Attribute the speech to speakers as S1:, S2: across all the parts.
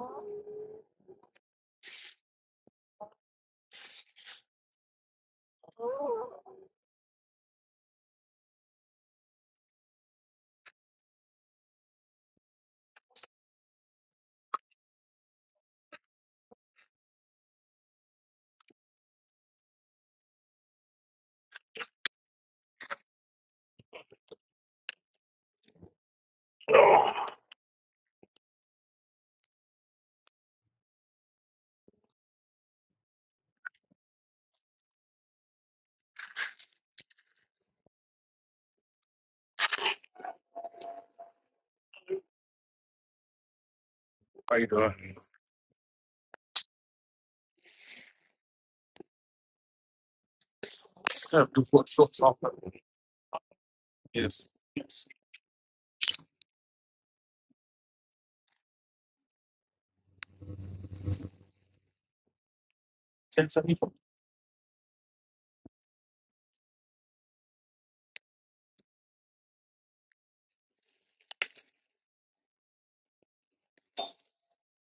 S1: Oh, 1074.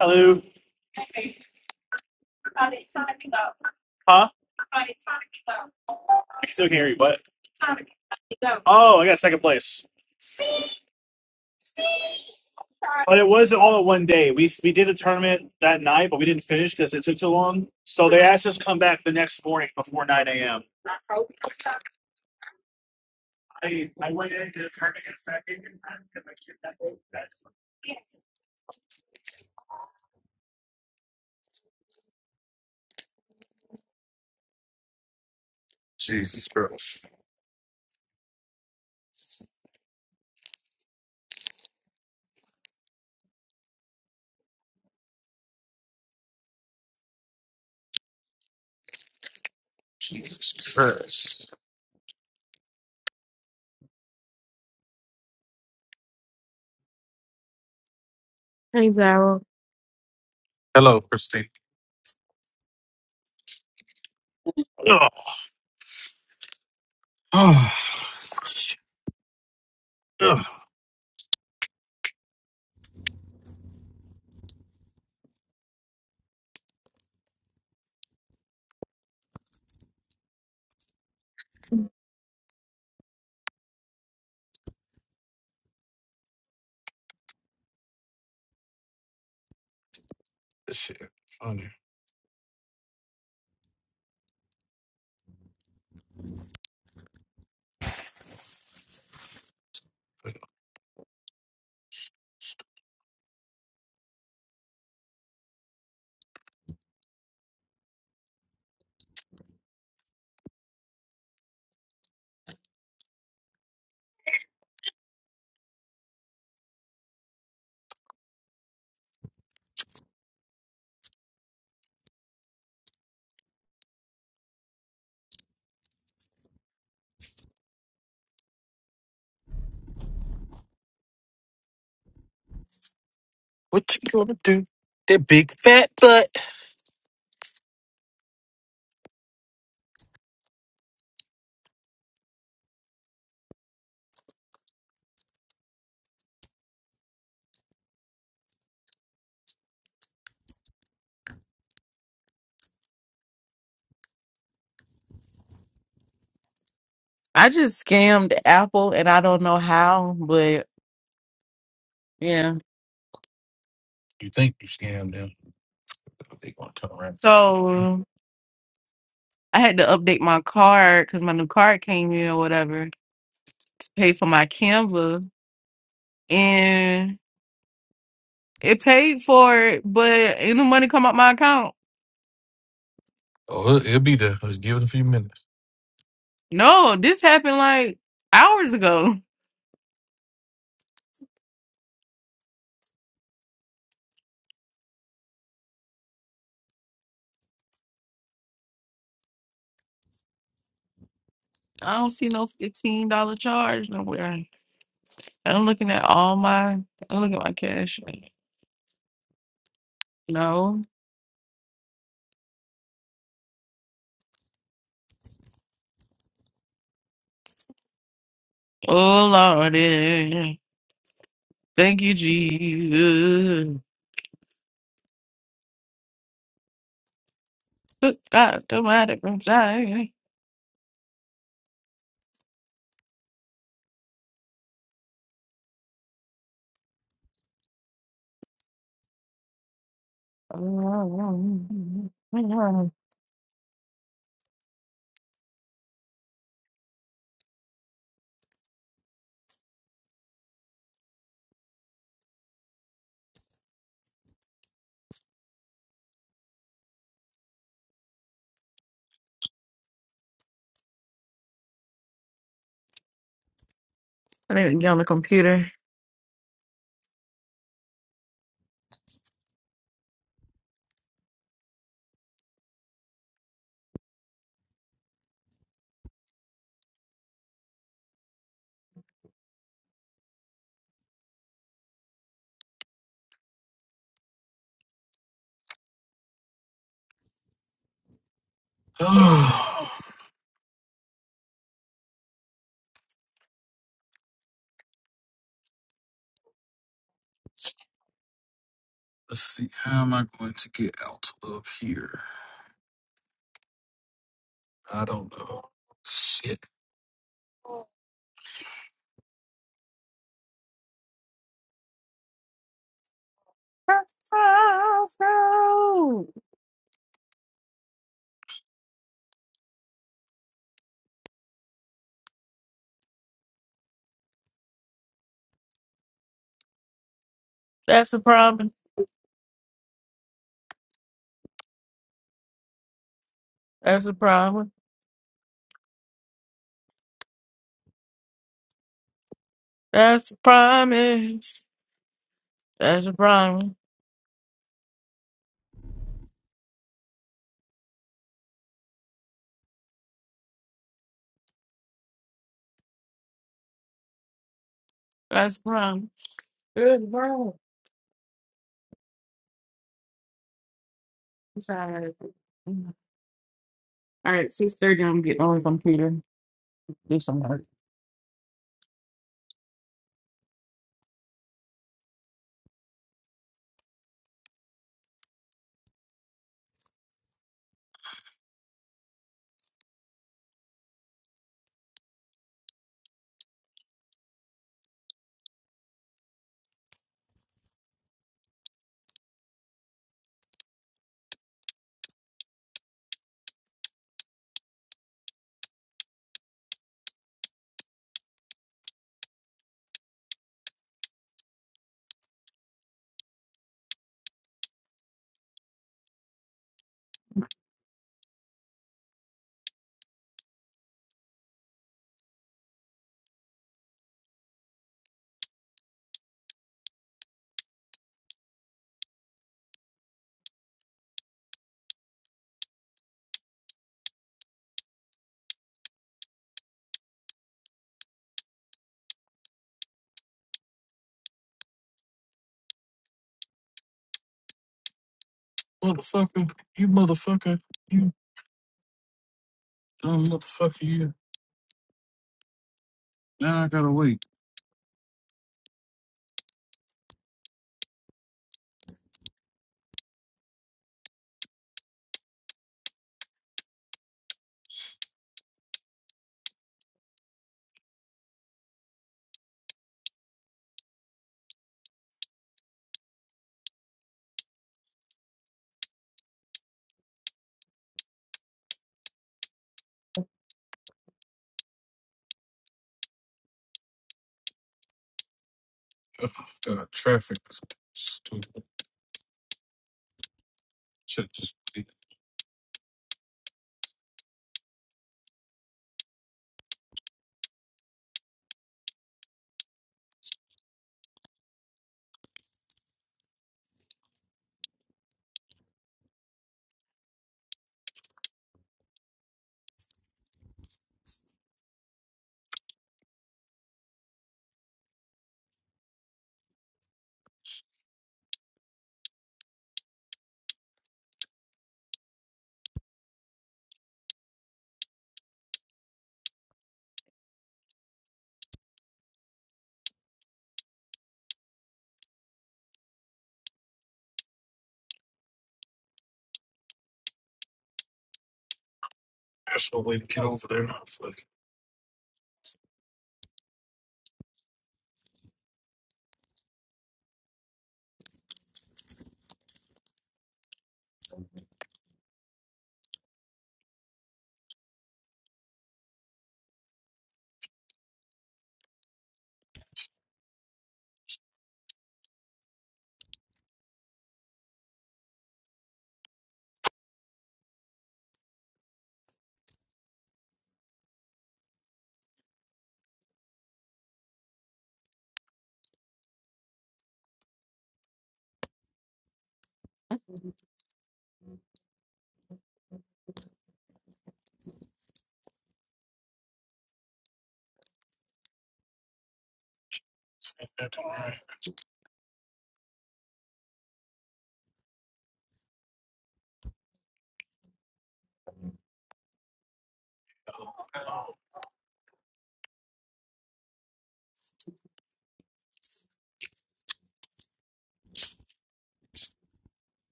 S1: Hello. Hey, are they trying to go? Huh? Are they trying to go? I still can still hear you, but. Oh, I got second place. But it was not all in one day. We we did a tournament that night, but we didn't finish because it took so long. So they asked us to come back the next morning before 9 a.m. I, I went into the tournament second and I got my kid that that's Christ.
S2: Hey, Daryl.
S1: Hello, Christine. Ugh. Oh, This shit funny.
S2: I just scammed Apple and I don't know how, but yeah. So I had to update my card because my new card came in or whatever to pay for my Canva. And it paid for it, but ain't no money come out my account.
S1: Oh, it- it'll be there. Let's give it a few minutes.
S2: No, this happened like hours ago. I don't see no $15 charge nowhere. I'm looking at all my, I'm looking at my cash. No. Oh, Lordy. Thank you, Jesus. Good God, automatic from Zion. I need to get on the computer.
S1: Ugh. let's see. How am I going to get out of here? I don't know. Shit.
S2: That's a promise. That's a promise. That's a promise. That's a promise. That's a promise. Good bro. It's all right. All right, 6.30, I'm getting on the computer. Do some work.
S1: Motherfucker. You motherfucker. You Dumb motherfucker, you. Now I gotta wait. Ugh, God, traffic is stupid. Should just be. There's no way to get over there. Fuck. Send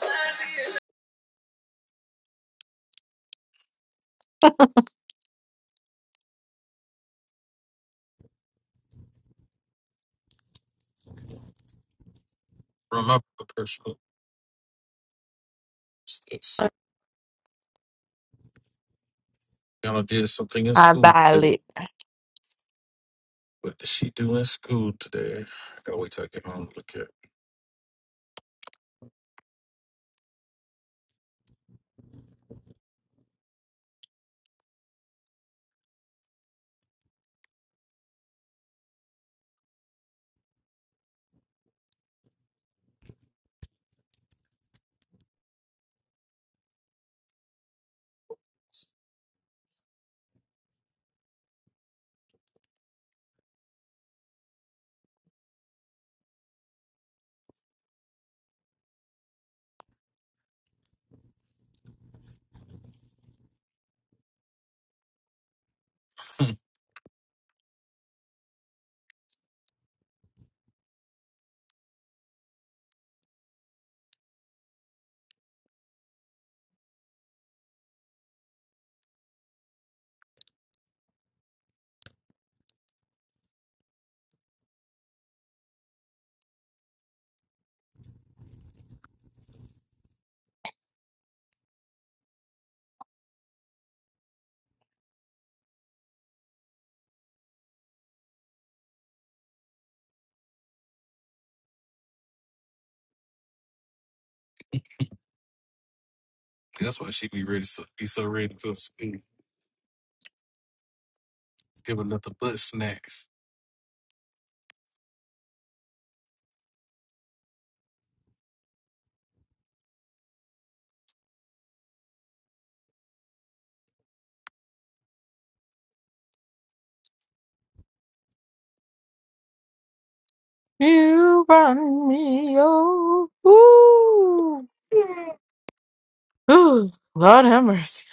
S3: Thank you.
S1: From my personal. What's this? Y'all did something in
S2: Got
S1: school.
S2: it.
S1: What does she do in school today? I gotta wait till I get home to look at. That's why she be ready, so, be so ready to go to school. Give her nothing but snacks.
S2: You burn me, oh. Ooh. Ooh, Lord have mercy.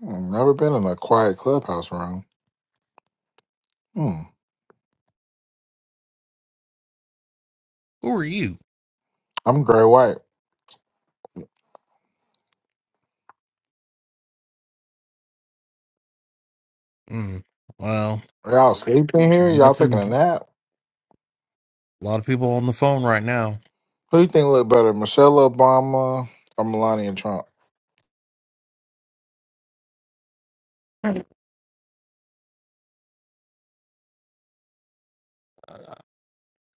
S4: Hmm, Never been in a quiet clubhouse room. Hmm.
S5: Who are you?
S4: I'm Gray White.
S5: Mm, well,
S4: Y'all sleeping here? Y'all taking a
S5: nothing.
S4: nap?
S5: A lot of people on the phone right now.
S4: Who you think look better, Michelle Obama or Melania Trump?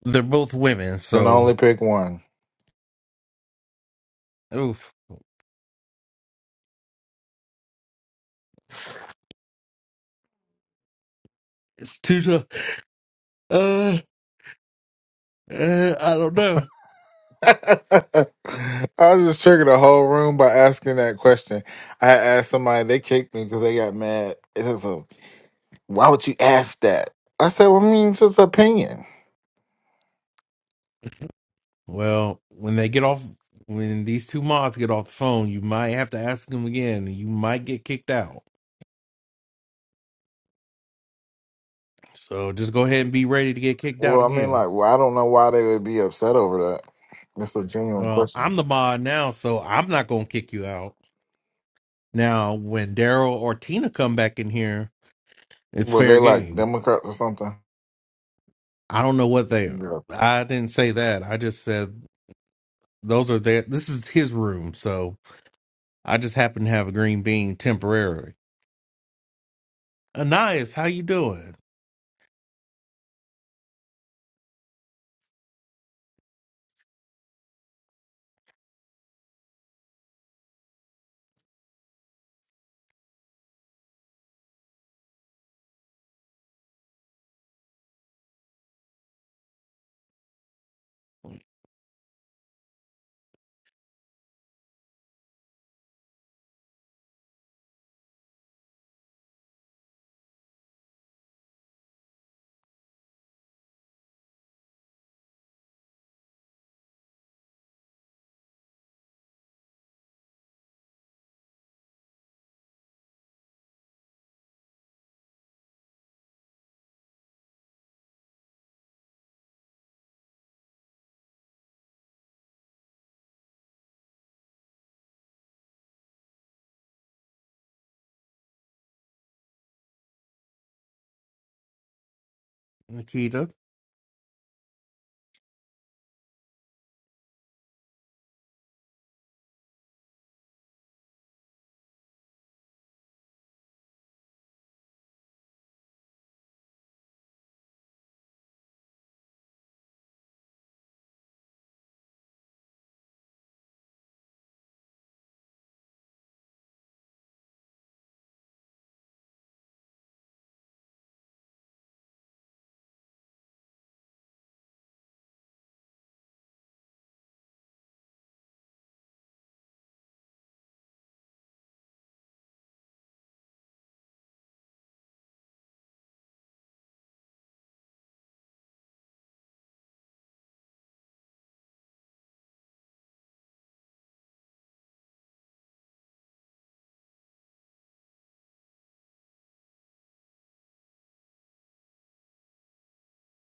S5: They're both women,
S4: Can
S5: so
S4: only pick one.
S5: oof, it's too tough. Uh, uh, I don't know.
S4: I just triggered the whole room by asking that question. I asked somebody, they kicked me because they got mad. It was a, why would you ask that? I said, well, I mean, it's just opinion.
S5: Well, when they get off, when these two mods get off the phone, you might have to ask them again, and you might get kicked out. So just go ahead and be ready to get kicked out
S4: Well, I mean,
S5: again.
S4: like, well, I don't know why they would be upset over that. It's a genuine
S5: Well,
S4: question.
S5: I'm the mod now, so I'm not gonna kick you out. Now, when Daryl or Tina come back in here, it's
S4: Were they
S5: fair
S4: like
S5: game.
S4: Democrats or something?
S5: I don't know what they.
S4: Yeah.
S5: I didn't say that. I just said those are their. This is his room, so I just happen to have a green bean temporarily. Anais, how you doing, Nikita?